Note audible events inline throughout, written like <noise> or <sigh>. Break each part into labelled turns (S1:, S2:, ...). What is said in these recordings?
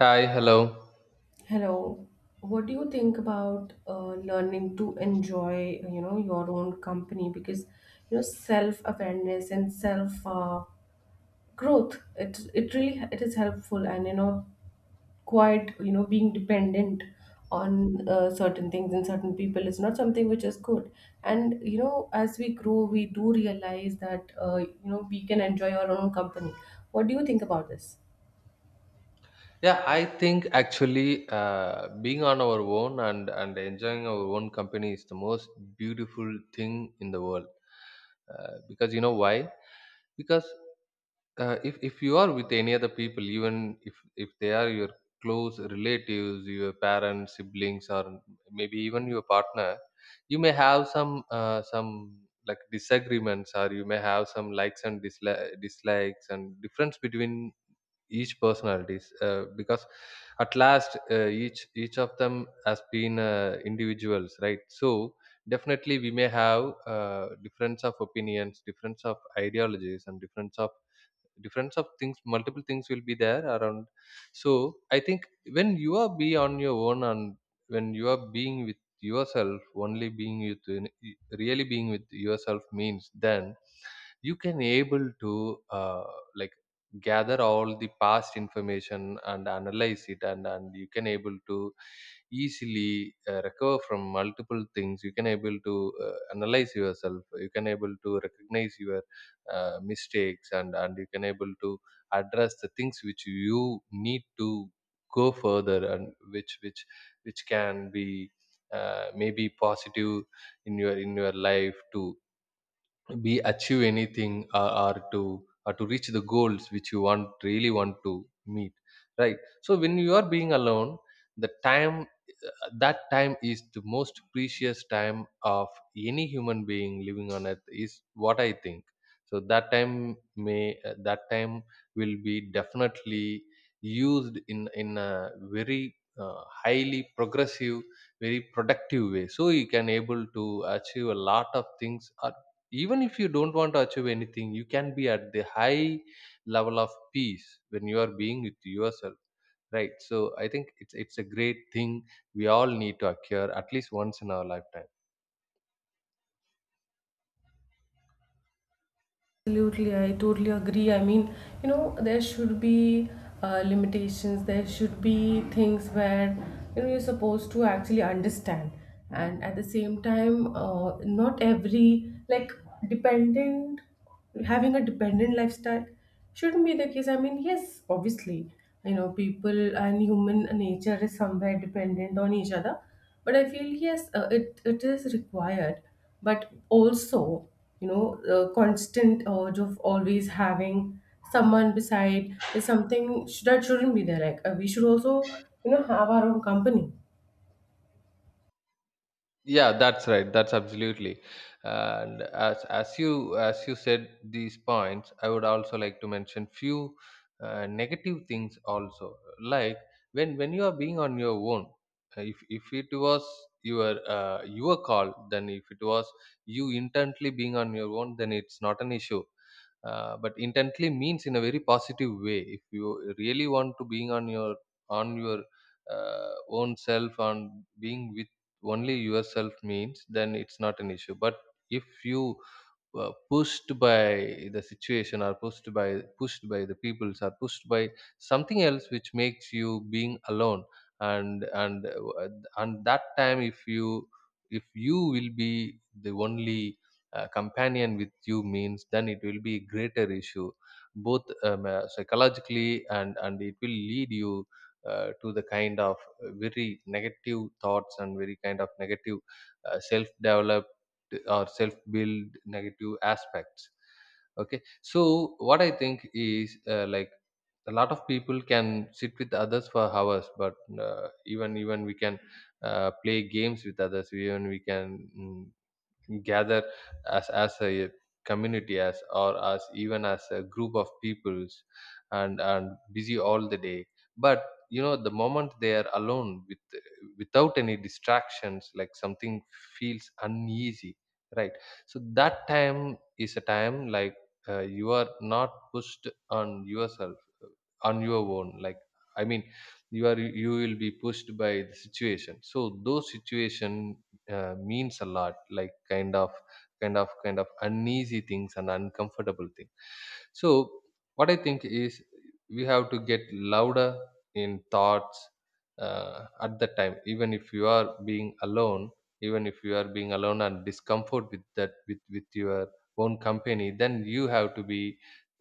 S1: Hi, hello.
S2: Hello. What do you think about learning to enjoy, you know, your own company? Because, you know, self awareness and self growth, it really it is helpful, and, you know, quite, you know, being dependent on certain things and certain people is not something which is good. And you know, as we grow, we do realize that you know we can enjoy our own company. What do you think about this?
S1: Yeah, I think actually being on our own and enjoying our own company is the most beautiful thing in the world. Because you know why? Because if you are with any other people, even if they are your close relatives, your parents, siblings, or maybe even your partner, you may have some like disagreements, or you may have some likes and dislikes and difference between each personalities because at last each of them has been individuals, right? So definitely we may have difference of opinions, difference of ideologies, and difference of things, multiple things will be there around. So I think when you are be on your own, and when you are being with yourself only, being with, really being with yourself means, then you can able to uh, like gather all the past information and analyze it, and you can able to easily recover from multiple things, you can able to analyze yourself, you can able to recognize your mistakes, and you can able to address the things which you need to go further, and which can be maybe positive in your life too, be achieve anything, or to reach the goals which you want, really want to meet, right? So when you are being alone, the time, that time is the most precious time of any human being living on earth is what I think. So that time may, that time will be definitely used in a very highly progressive, very productive way, so you can able to achieve a lot of things, or even if you don't want to achieve anything, you can be at the high level of peace when you are being with yourself, right? So I think it's a great thing we all need to occur at least once in our lifetime.
S2: Absolutely, I totally agree. I mean, you know, there should be limitations, there should be things where, you know, you're supposed to actually understand. And at the same time, not every, like, dependent, having a dependent lifestyle shouldn't be the case. I mean, yes, obviously, you know, people and human nature is somewhere dependent on each other, but I feel yes, it is required, but also, you know, the constant urge of always having someone beside is something that shouldn't be there. Like we should also, you know, have our own company.
S1: Yeah, that's right, that's absolutely. And as you said these points, I would also like to mention few negative things also. Like when you are being on your own, if it was your call, then if it was you intently being on your own, then it's not an issue. But intently means in a very positive way, if you really want to being on your own self, on being with only yourself means, then it's not an issue. But if you pushed by the situation, or pushed by the peoples, or pushed by something else which makes you being alone, and and that time if you, if you will be the only companion with you means, then it will be a greater issue, both psychologically, and it will lead you to the kind of very negative thoughts and very kind of negative self develop or self build negative aspects. Okay, so what I think is, like, a lot of people can sit with others for hours, but even we can play games with others, even we can gather as a community, as, or as even as a group of peoples, and busy all the day. But you know, the moment they are alone, with without any distractions, like something feels uneasy, right? So that time is a time like, you are not pushed on yourself, on your own, like, I mean, you are, you will be pushed by the situation. So those situation means a lot, like kind of, kind of uneasy things and uncomfortable thing. So what I think is, we have to get louder in thoughts, uh, at that time, even if you are being alone. Even if you are being alone and discomfort with that, with your own company, then you have to be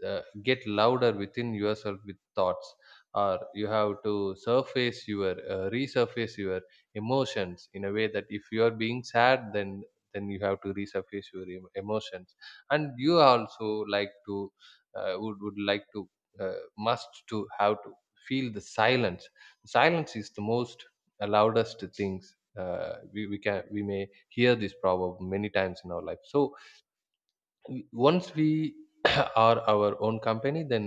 S1: get louder within yourself with thoughts. Or you have to surface your resurface your emotions in a way that if you are being sad, then you have to resurface your emotions. And you also like to would like to uh, must to have to feel the silence. Silence is the most loudest things, we can, we may hear this proverb many times in our life. So once we <clears throat> are our own company, then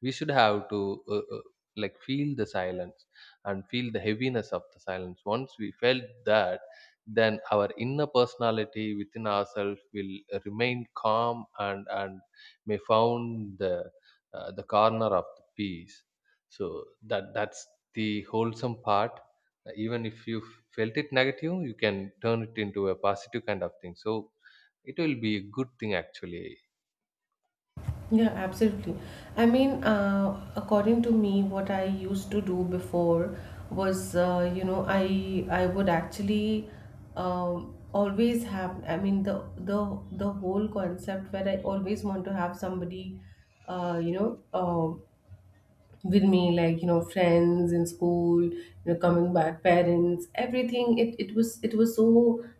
S1: we should have to uh, uh, like feel the silence and feel the heaviness of the silence. Once we felt that, then our inner personality within ourselves will remain calm, and may found the corner of the peace. So that that's the wholesome part. Even if you felt it negative, you can turn it into a positive kind of thing, so it will be a good thing actually.
S2: Yeah, absolutely. I mean, according to me, what I used to do before was, you know, I would actually always have. I mean, the the whole concept where I always want to have somebody, you know, um, with me, like, you know, friends in school, you know, coming back, parents, everything. It was so,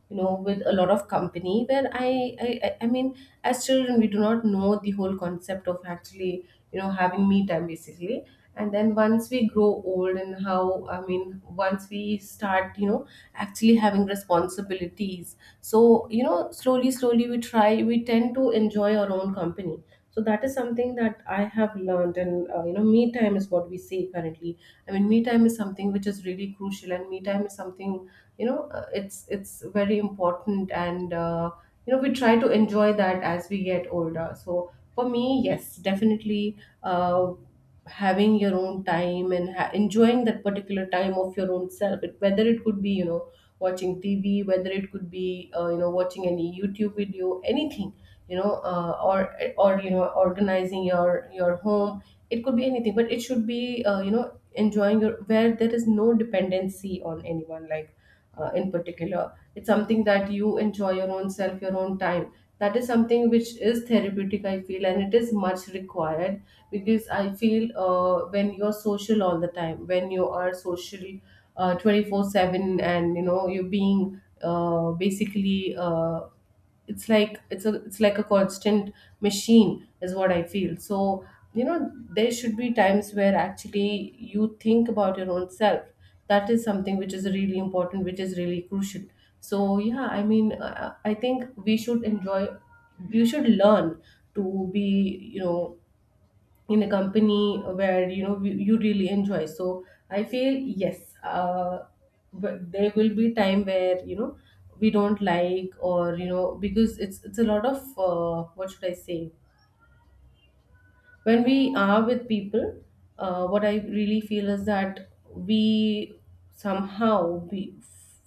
S2: you know, with a lot of company where I mean, as children we do not know the whole concept of actually, you know, having me time basically. And then once we grow old, and how, I mean, once we start, you know, actually having responsibilities, so you know, slowly slowly we try we tend to enjoy our own company. So that is something that I have learned, and you know, me time is what we say currently. I mean, me time is something which is really crucial, and me time is something, you know, it's very important. And you know, we try to enjoy that as we get older. So for me, yes, definitely, uh, having your own time and enjoying that particular time of your own self, it, whether it could be, you know, watching TV, whether it could be you know, watching any YouTube video, anything, you know, or, you know, organizing your home. It could be anything, but it should be you know, enjoying your, where there is no dependency on anyone, like in particular. It's something that you enjoy your own self, your own time. That is something which is therapeutic, I feel, and it is much required, because I feel when you're social all the time, when you are social 24/7, and you know you're being, basically, it's like, it's a, it's like a constant machine is what I feel. So you know, there should be times where actually you think about your own self. That is something which is really important, which is really crucial. So yeah, I mean, I think we should enjoy, you should learn to be, you know, in a company where you know you really enjoy. So I feel yes, but there will be time where, you know, we don't like, or you know, because it's a lot of what should I say, when we are with people, what I really feel is that we somehow, we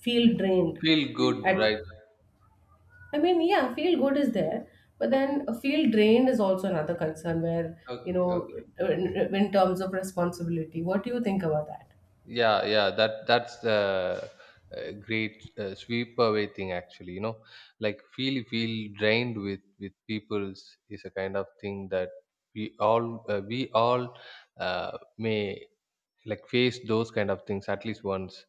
S2: feel drained
S1: Feel good,
S2: at.
S1: right?
S2: I mean, yeah, feel good is there, but then feel drained is also another concern where, you
S1: Okay,
S2: know,
S1: okay.
S2: in terms of responsibility. What do you think about that?
S1: Yeah, yeah. That that's the great sweep away thing actually. You know, like feel, feel drained with people's is a kind of thing that we all may like face those kind of things at least once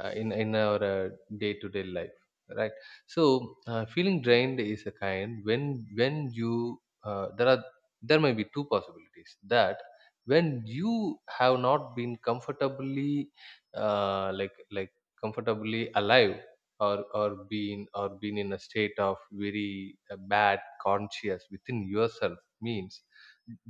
S1: in our day-to-day life, right? So feeling drained is a kind when you there are, there may be two possibilities. That when you have not been comfortably like comfortably alive, or been, or been in a state of very bad conscious within yourself means,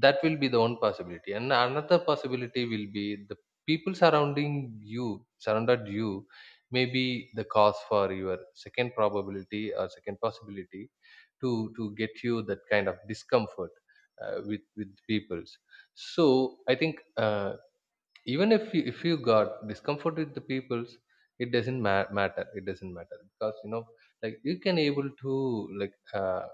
S1: that will be the one possibility. And another possibility will be the people surrounding you, surrounded you, may be the cause for your second probability, or second possibility, to get you that kind of discomfort with peoples. So I think even if you got discomfort with the peoples, it doesn't matter, it doesn't matter, because you know, like you can able to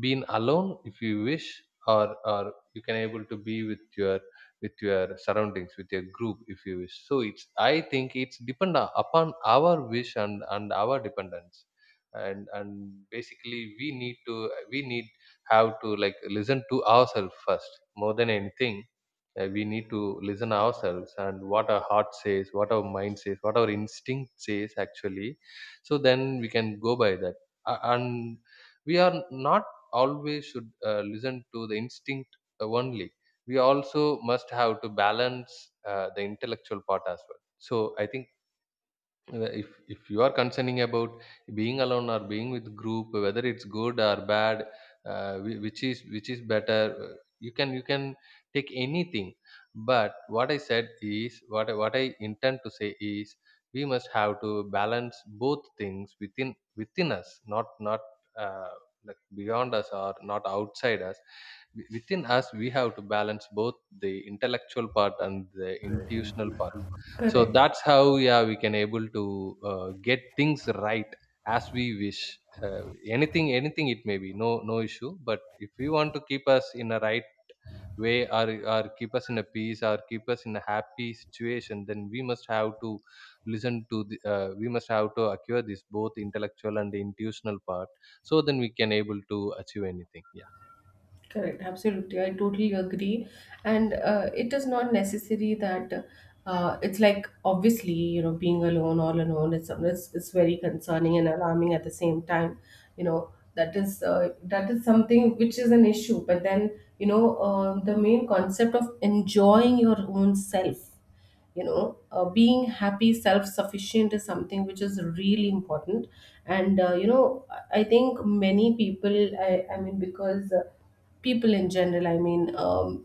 S1: being alone if you wish, or you can able to be with your surroundings, with your group if you wish. So it's, I think it's depend upon our wish, and our dependence, and basically we need to, we need have to like listen to ourselves first, more than anything. We need to listen ourselves, and what our heart says, what our mind says, what our instinct says, actually. So then we can go by that. And we are not always should listen to the instinct only. We also must have to balance the intellectual part as well. So I think if you are concerning about being alone or being with group, whether it's good or bad, which is better, you can, you can take anything. But what I said is, what what I intend to say is, we must have to balance both things within within us, not uh, like beyond us, or not outside us. Within us we have to balance both the intellectual part and the intuitional part, so
S2: Correct,
S1: that's how, yeah, we can able to get things right as we wish. Anything, anything it may be, no, no issue. But if we want to keep us in a right way, or keep us in a peace, or keep us in a happy situation, then we must have to listen to the, we must have to acquire this both intellectual and the intuitional part, so then we can able to achieve anything, yeah.
S2: correct, absolutely. I totally agree. And it is not necessary that it's like, obviously, you know, being alone, all alone, it's very concerning and alarming at the same time. You know, that is, that is something which is an issue. But then, you know, the main concept of enjoying your own self, you know, being happy, self-sufficient, is something which is really important. And you know, I think many people, I mean, because people in general, I mean,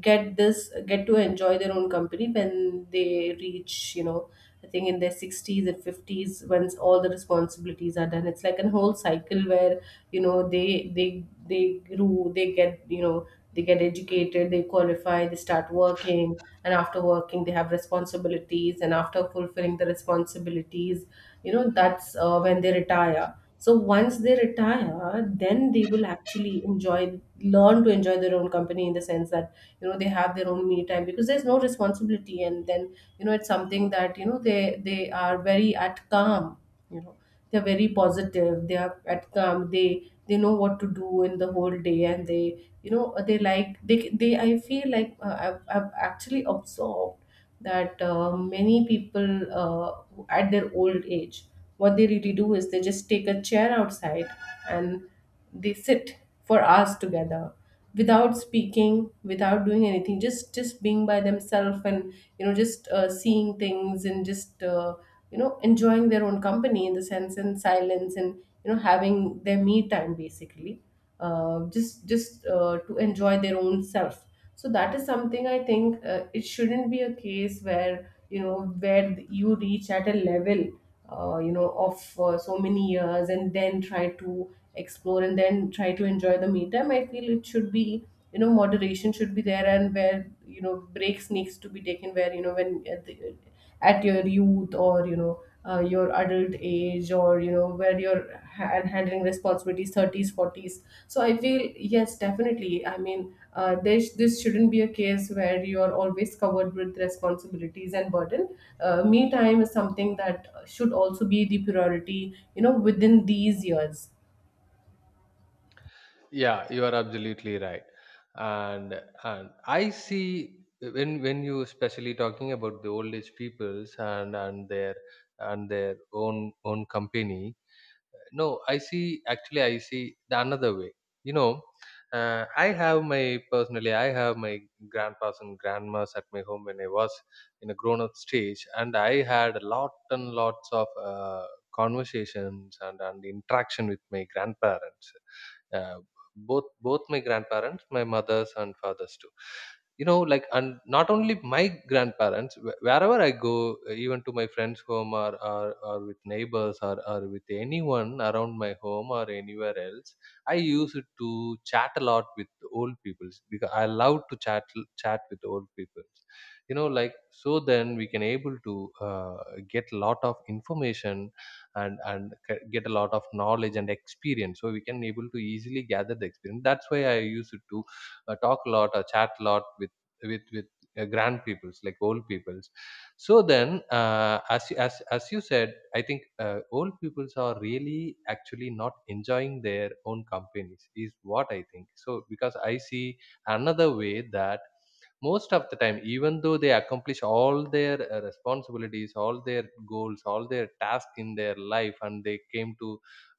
S2: get this, get to enjoy their own company when they reach, you know, I think in their 60s and 50s, once all the responsibilities are done. It's like a whole cycle where, you know, they they grew, they get, you know, they get educated, they qualify, they start working, and after working they have responsibilities, and after fulfilling the responsibilities, you know, that's when they retire. So once they retire, then they will actually enjoy, learn to enjoy their own company, in the sense that, you know, they have their own me time, because there's no responsibility. And then, you know, it's something that, you know, they are very at calm, you know, they're very positive, they are at calm, they know what to do in the whole day. And they, you know, they like, they I feel like, I've actually observed that many people at their old age, what they really do is they just take a chair outside, and they sit for hours together, without speaking, without doing anything, just being by themselves. And you know, just seeing things, and just you know, enjoying their own company in the sense, and silence, and you know, having their me time basically, just to enjoy their own self. So that is something I think, it shouldn't be a case where, you know, where you reach at a level you know, of so many years, and then try to explore, and then try to enjoy the me time. I feel it should be, you know, moderation should be there. And where, you know, breaks needs to be taken, where you know, when the, at your youth, or you know, your adult age, or you know, where you're handling responsibilities, 30s, 40s. So I feel yes, definitely, I mean, this shouldn't be a case where you are always covered with responsibilities and burden. Me time is something that should also be the priority, you know, within these years.
S1: Yeah, you are absolutely right. and and I see, when you especially talking about the old age peoples, and their and their own own company, no, I see actually, I see the another way. You know, I have my, personally I have my grandpas and grandmas at my home when I was in a grown up stage, and I had a lot and lots of conversations, and interaction with my grandparents, uh, both my grandparents, my mother's and father's too. You know, like, and not only my grandparents, wherever I go, even to my friends' home, or with neighbors, or with anyone around my home or anywhere else, I used to chat a lot with old people, because I love to chat, chat with old people. You know, like, so then we can able to get a lot of information, and get a lot of knowledge and experience. So we can able to easily gather the experience. That's why I used to talk a lot or chat a lot with with grand peoples like old peoples. So then, as you said, I think old peoples are really actually not enjoying their own companies is what I think. So because I see another way that most of the time, even though they accomplish all their responsibilities, all their goals, all their tasks in their life, and they came to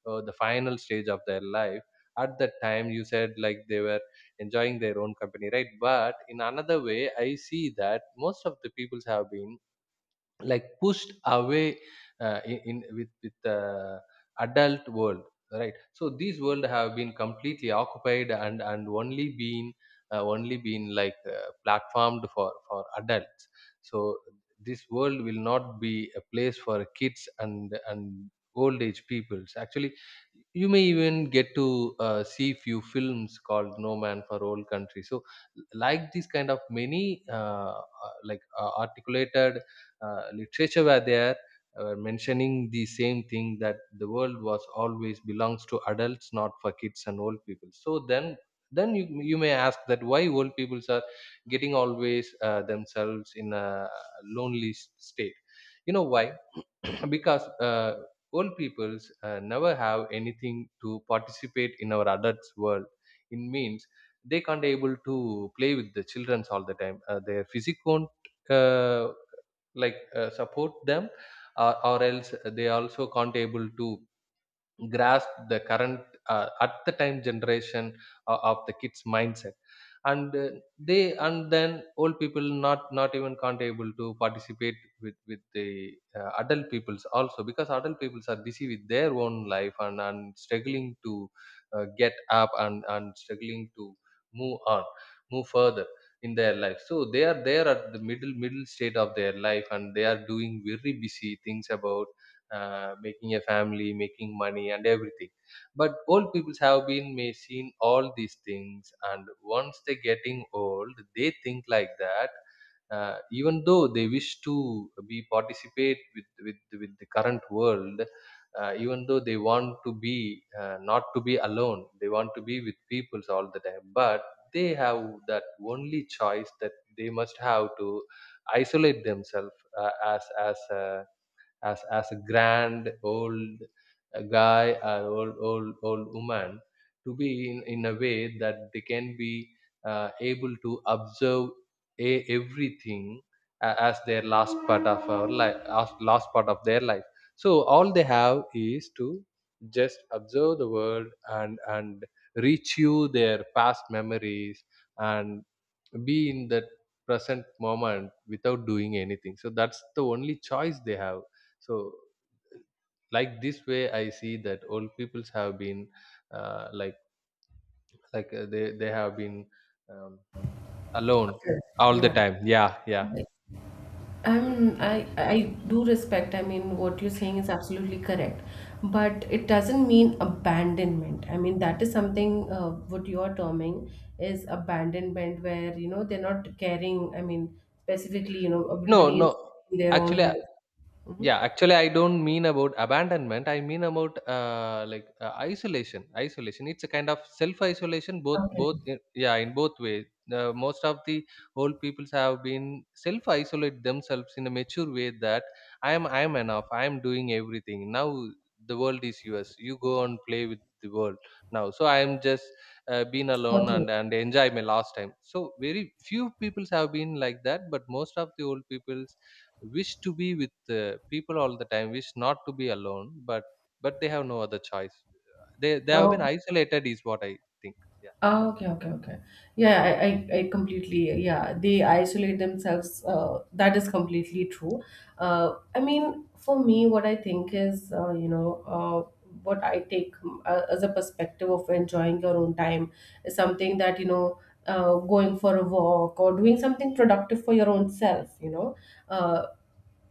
S1: the final stage of their life, at that time you said like they were enjoying their own company, right? But in another way, I see that most of the peoples have been like pushed away in with the adult world, right? So these world have been completely occupied and only been only been like platformed for adults. So this world will not be a place for kids and old age peoples, actually. You may even get to see few films called No Man for Old Country. So like these kind of many like articulated literature were there mentioning the same thing, that the world was always belongs to adults, not for kids and old people. So then you may ask that why old peoples are getting always themselves in a state. You know why? <clears throat> Because old peoples never have anything to participate in our adults world. It means they can't able to play with the childrens all the time. Their physique won't uh, like support them. Or else they also can't able to grasp the current at the time generation of the kids mindset. And they, and then old people not even can't able to participate with the adult peoples also, because adult peoples are busy with their own life and struggling to get up and struggling to move on, move further in their life. So they are there at the middle state of their life, and they are doing very busy things about making a family, making money, and everything. But old people have been may seen all these things, and once they getting old, they think like that. Even though they wish to be participate with with the current world, even though they want to be not to be alone, they want to be with peoples all the time. But they have that only choice, that they must have to isolate themselves uh, as as a as a grand old guy or old woman, to be in a way that they can be able to observe everything as their last part of our life, as last part of their life. So all they have is to just observe the world, and reach you their past memories, and be in that present moment without doing anything. So that's the only choice they have. So, like this way, I see that old peoples have been uh, like like they have been um, alone
S2: Okay.
S1: all the
S2: Yeah.
S1: time. Yeah, yeah.
S2: I do respect. I mean, what you're saying is absolutely correct, but it doesn't mean abandonment. I mean, that is something, what you're terming is abandonment, where you know they're not caring. I mean, specifically, you know,
S1: No,
S2: everybody is
S1: no,
S2: in their own
S1: actually.
S2: life. Mhm.
S1: Yeah, actually, I don't mean about abandonment. I mean about like isolation. Isolation. It's a kind of self-isolation.
S2: Okay.
S1: Yeah, in both ways. Most of the old peoples have been self-isolate themselves in a mature way, that I am enough. I am doing everything now. The world is yours. You go and play with the world now. So I am just being alone
S2: Okay.
S1: and enjoy my last time. So very few peoples have been like that, but most of the old people wish to be with people all the time, wish not to be alone, but they have no other choice. They have been
S2: Oh,
S1: isolated, is what I think. Yeah,
S2: oh, okay, okay, okay. Yeah, I completely, yeah, they isolate themselves. That is completely true. I mean, for me, what I think is, you know, what I take, as a perspective of enjoying your own time is something that, you know, going for a walk, or doing something productive for your own self, you know. Uh,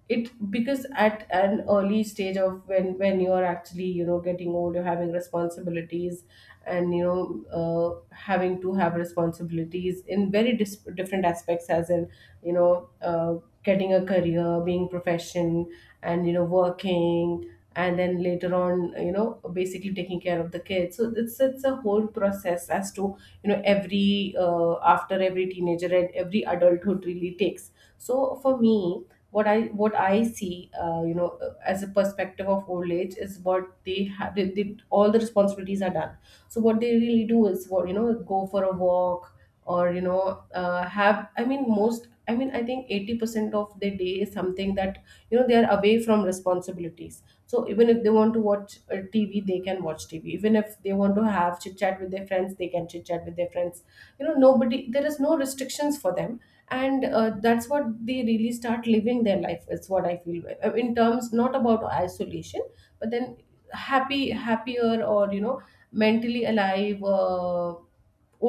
S2: it, because at an early stage of when you are actually, you know, getting old, you're having responsibilities, and you know, having to have responsibilities in very different aspects, as in, you know, getting a career, being profession, and you know, working, and then later on, you know, basically taking care of the kids. So it's a whole process as to, you know, every after every teenager and every adulthood really takes. So for me, what I, what I see, you know, as a perspective of old age, is what they have. They, all the responsibilities are done. So what they really do is what, you know, go for a walk, or you know, have. I mean, most. I mean, I think 80% of the day is something that, you know, they are away from responsibilities. So even if they want to watch TV, they can watch TV. Even if they want to have chit chat with their friends, they can chit chat with their friends. Nobody, there is no restrictions for them, and that's what they really start living their life is what I feel, in terms, not about isolation, but then happy, happier or you know mentally alive,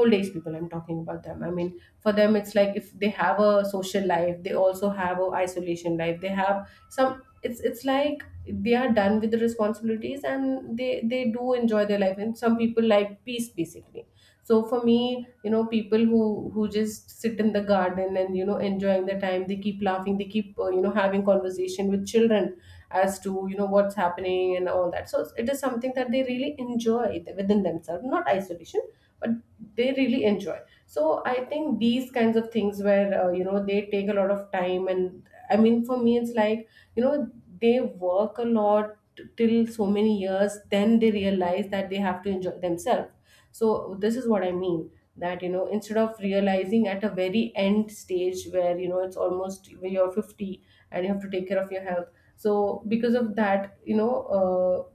S2: old age people. I'm talking about them. I mean, for them it's like if they have a social life, they also have a isolation life. They have some. It's like they are done with the responsibilities, and they do enjoy their life. And some people like peace basically. So for me, you know, people who just sit in the garden and, you know, enjoying the time, they keep laughing, they keep you know, having conversation with children as to, you know, what's happening and all that. So it is something that they really enjoy within themselves, not isolation, but they really enjoy. So I think these kinds of things where, you know, they take a lot of time. And I mean, for me it's like, you know, they work a lot till so many years, then they realize that they have to enjoy themselves. So this is what I mean, that, you know, instead of realizing at a very end stage where, you know, it's almost when you're 50 and you have to take care of your health. So because of that, you know, uh,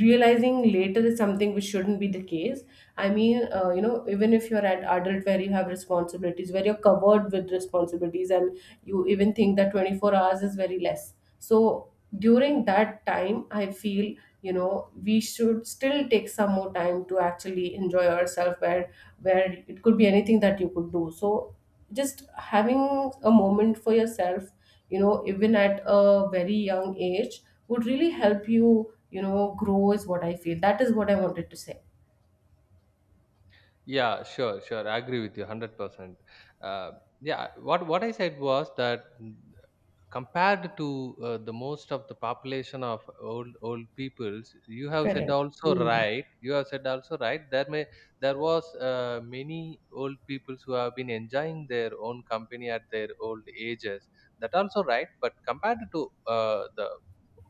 S2: realizing later is something which shouldn't be the case. I mean, you know, even if you're an adult where you have responsibilities, where you're covered with responsibilities, and you even think that 24 hours is very less. So during that time, I feel, you know, we should still take some more time to actually enjoy ourselves, where it could be anything that you could do. So just having a moment for yourself, you know, even at a very young age, would really help you, you know, grow is what I feel. That is what I wanted to say.
S1: yeah, sure, sure, I agree with you 100%. uh, yeah, what I said was that, compared to the most of the population of old peoples, you have said
S2: Correcto.
S1: also,
S2: Hum.
S1: right? You have said also, right? There was many old peoples who have been enjoying their own company at their old ages, that also, right? But compared to the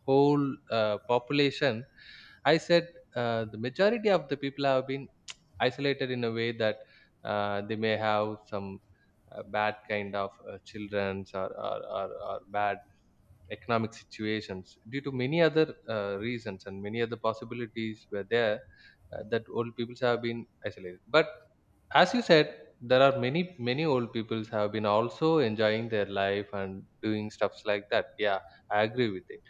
S1: whole population, I said the majority of the people have been <tsk> isolated in a way that they may have some bad kind of childrens, or bad economic situations due to many other reasons, and many other possibilities were there that old peoples have been isolated. But as you said, there are many old peoples have been also enjoying their life and doing stuffs like that. Yeah, I agree with it.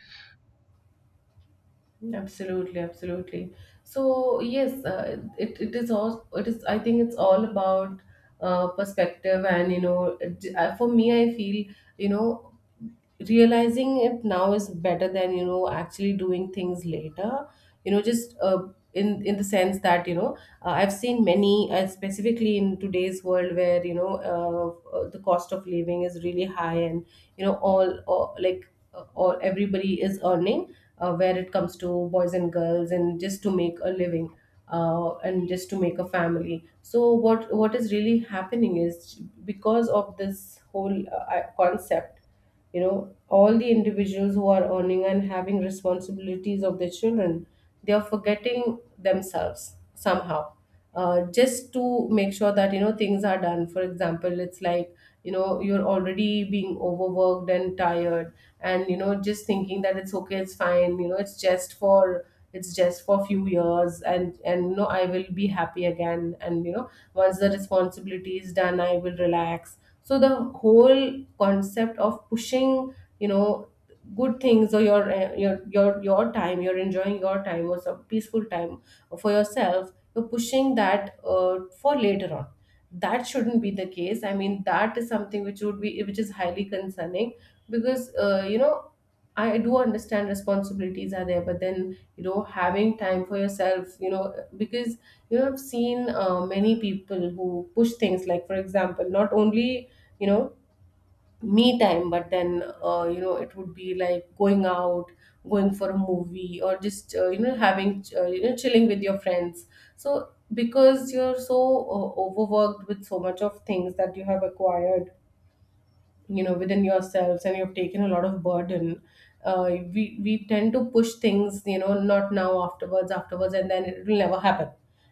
S2: Absolutely, absolutely. So yes, it, it is all it is. I think it's all about perspective. And, you know, for me, I feel, you know, realizing it now is better than, you know, actually doing things later. You know, just in the sense that, you know, I've seen many, specifically in today's world where, you know, the cost of living is really high. And, you know, all like all everybody is earning, where it comes to boys and girls, and just to make a living and just to make a family. So what is really happening is because of this whole concept, you know, all the individuals who are earning and having responsibilities of their children, they are forgetting themselves somehow, just to make sure that, you know, things are done. For example, it's like, you know, you're already being overworked and tired, and, you know, just thinking that it's okay, it's fine, you know, it's just for a few years. And, you know, I will be happy again. And, you know, once the responsibility is done, I will relax. So the whole concept of pushing, you know, good things or your, your time, you're enjoying your time or some peaceful time for yourself, you're pushing that for later on. That shouldn't be the case. I mean, that is something which would be which is highly concerning. Because, you know, I do understand responsibilities are there, but then, you know, having time for yourself, you know, because, you know, I've seen many people who push things, like for example, not only, you know, me time, but then, you know, it would be like going out, going for a movie, or just, you know, having, you know, chilling with your friends. So because you're so overworked with so much of things that you have acquired, you know, within yourselves, and you've taken a lot of burden, uh, we tend to push things, you know, not now, afterwards, afterwards, and then it will never happen.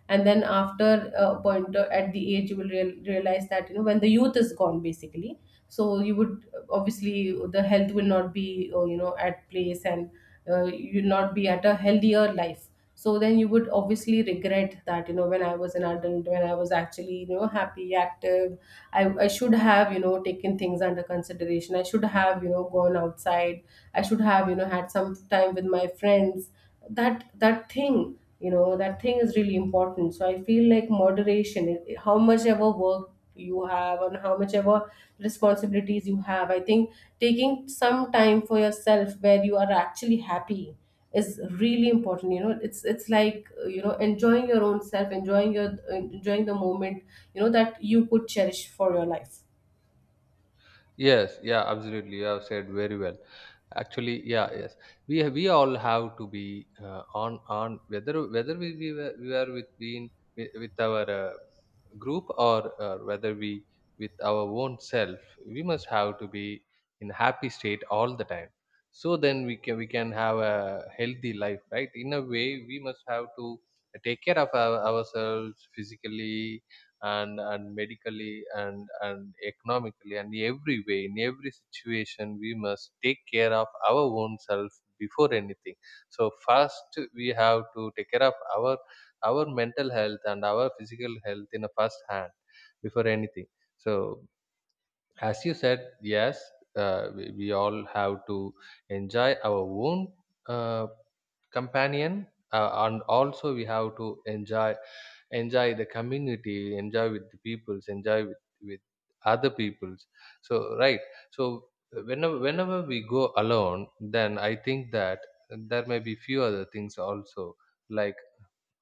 S2: And then after a point, at the age you will realize that, you know, when the youth is gone basically. So you would obviously, the health will not be, you know, at place. And, you'll not be at a healthier life. So then you would obviously regret that, you know, when I was an adult, when I was actually, you know, happy, active, I should have, you know, taken things under consideration. I should have, you know, gone outside. I should have, you know, had some time with my friends. That, that thing, that thing is really important. So I feel like moderation, how much ever work you have and how much ever responsibilities you have, I think taking some time for yourself where you are actually happy is really important. You know, it's like, you know, enjoying your own self, enjoying the moment, you know, that you could cherish for your life.
S1: Yes, yeah, absolutely. You have said very well. Actually, yeah, yes. We have, we all have to be on whether, whether we are with being with our group, or whether we with our own self. We must have to be in happy state all the time. So then we can have a healthy life, right? In a way, we must have to take care of our, ourselves physically, and medically and economically and every way, in every situation we must take care of our own self before anything. So first we have to take care of our mental health and our physical health in a first hand before anything. So as you said, yes, we all have to enjoy our own uh, companion, and also we have to enjoy, enjoy the community, enjoy with the peoples, enjoy with other peoples. So, right. So whenever, whenever we go alone, then I think that there may be few other things also, like,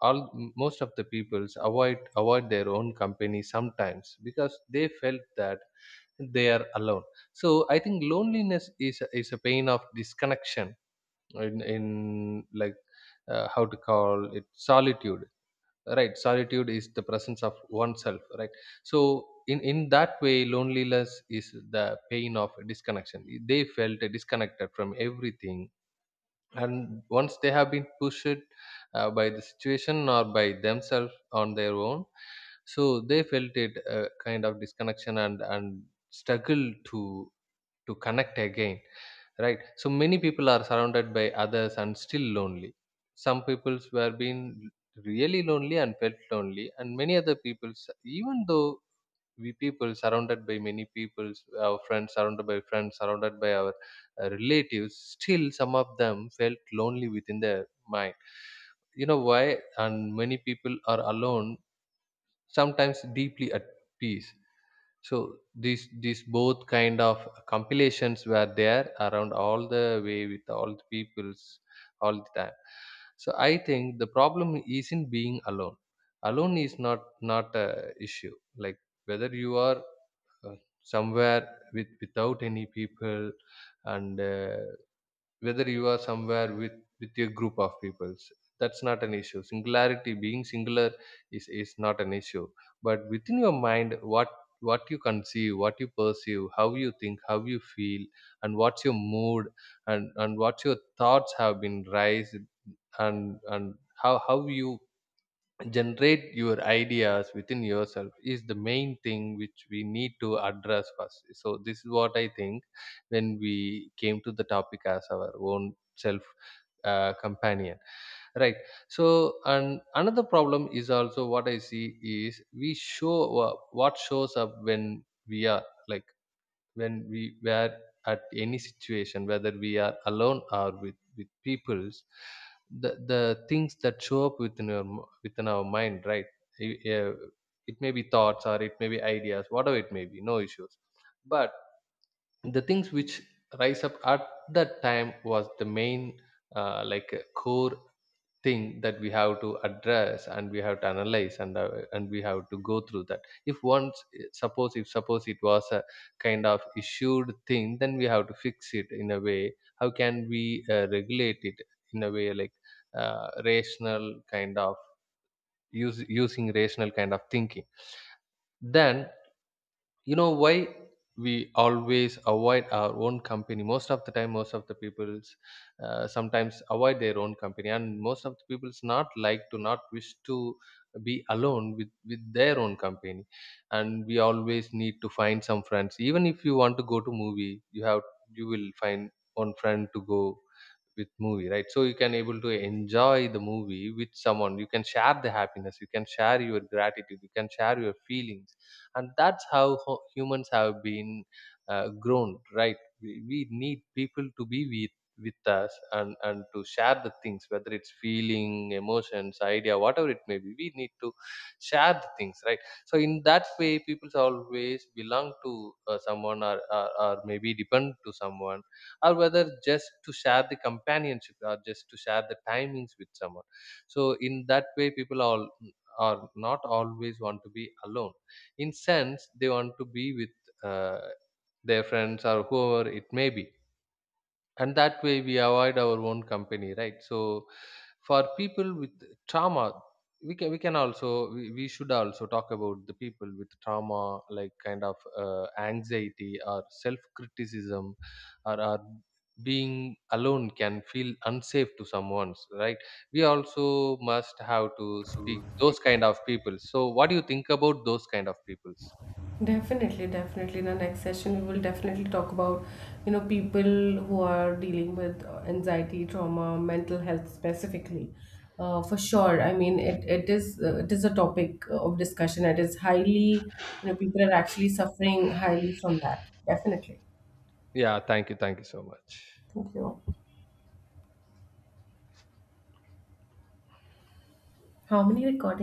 S1: all, most of the peoples avoid their own company sometimes because they felt that they are alone. So I think loneliness is a pain of disconnection in, like, how to call it, solitude. Right, solitude is the presence of oneself, right? So in that way, loneliness is the pain of disconnection. They felt disconnected from everything, and once they have been pushed by the situation or by themselves on their own, so they felt it kind of disconnection and struggle to connect again, right? So many people are surrounded by others and still lonely. Some people were being really lonely and felt lonely, and many other people, even though we people surrounded by many people, our friends surrounded by friends, surrounded by our relatives, still some of them felt lonely within their mind. You know why? And many people are alone sometimes deeply at peace. So these both kind of compilations were there around all the way with all the peoples all the time. So I think the problem isn't being alone. Alone is not a issue. Like, whether you are uh, somewhere with without any people, and whether you are somewhere with your group of people, that's not an issue. Singularity, being singular, is not an issue. But within your mind, what you conceive, what you perceive, how you think, how you feel, and what's your mood, and what your thoughts have been raised, and how you generate your ideas within yourself is the main thing which we need to address first. So this is what I think when we came to the topic as our own self companion, right? So, and another problem is also what I see is we show what shows up when we are, like, when we were at any situation, whether we are alone or with peoples, the things that show up within within our mind, right? I- uh, it may be thoughts or it may be ideas, whatever it may be, no issues. But the things which rise up at that time was the main like core thing that we have to address, and we have to analyze, and we have to go through that. If once, suppose, if suppose it was a kind of issued thing, then we have to fix it in a way, how can we regulate it, in a way like rational kind of using rational kind of thinking. Then, you know why we always avoid our own company most of the time? Most of the people's sometimes avoid their own company, and most of the people's not like to, not wish to be alone with their own company, and we always need to find some friends. Even if you want to go to movie, you have, you will find one friend to go with movie, right? So you can able to enjoy the movie with someone. You can share the happiness, you can share your gratitude, you can share your feelings. And that's how humans have been grown, right? We need people to be with us, and to share the things, whether it's feeling, emotions, idea, whatever it may be, we need to share the things, right? So in that way, people always belong to someone, or maybe depend to someone, or whether just to share the companionship, or just to share the timings with someone. So in that way, people all are not always want to be alone. In sense, they want to be with uh, their friends or whoever it may be, and that way we avoid our own company, right? So for people with trauma, we can also we should also talk about the people with trauma, like kind of anxiety or self criticism, or being alone can feel unsafe to someone's, right? We also must have to speak those kind of people. So what do you think about those kind of peoples?
S2: Definitely, definitely. In the next session, we will definitely talk about, you know, people who are dealing with anxiety, trauma, mental health specifically. For sure. I mean, it is a topic of discussion. It is highly, you know, people are actually suffering highly from that. Definitely.
S1: Yeah, thank you, thank you so much.
S2: Thank you. How many recordings?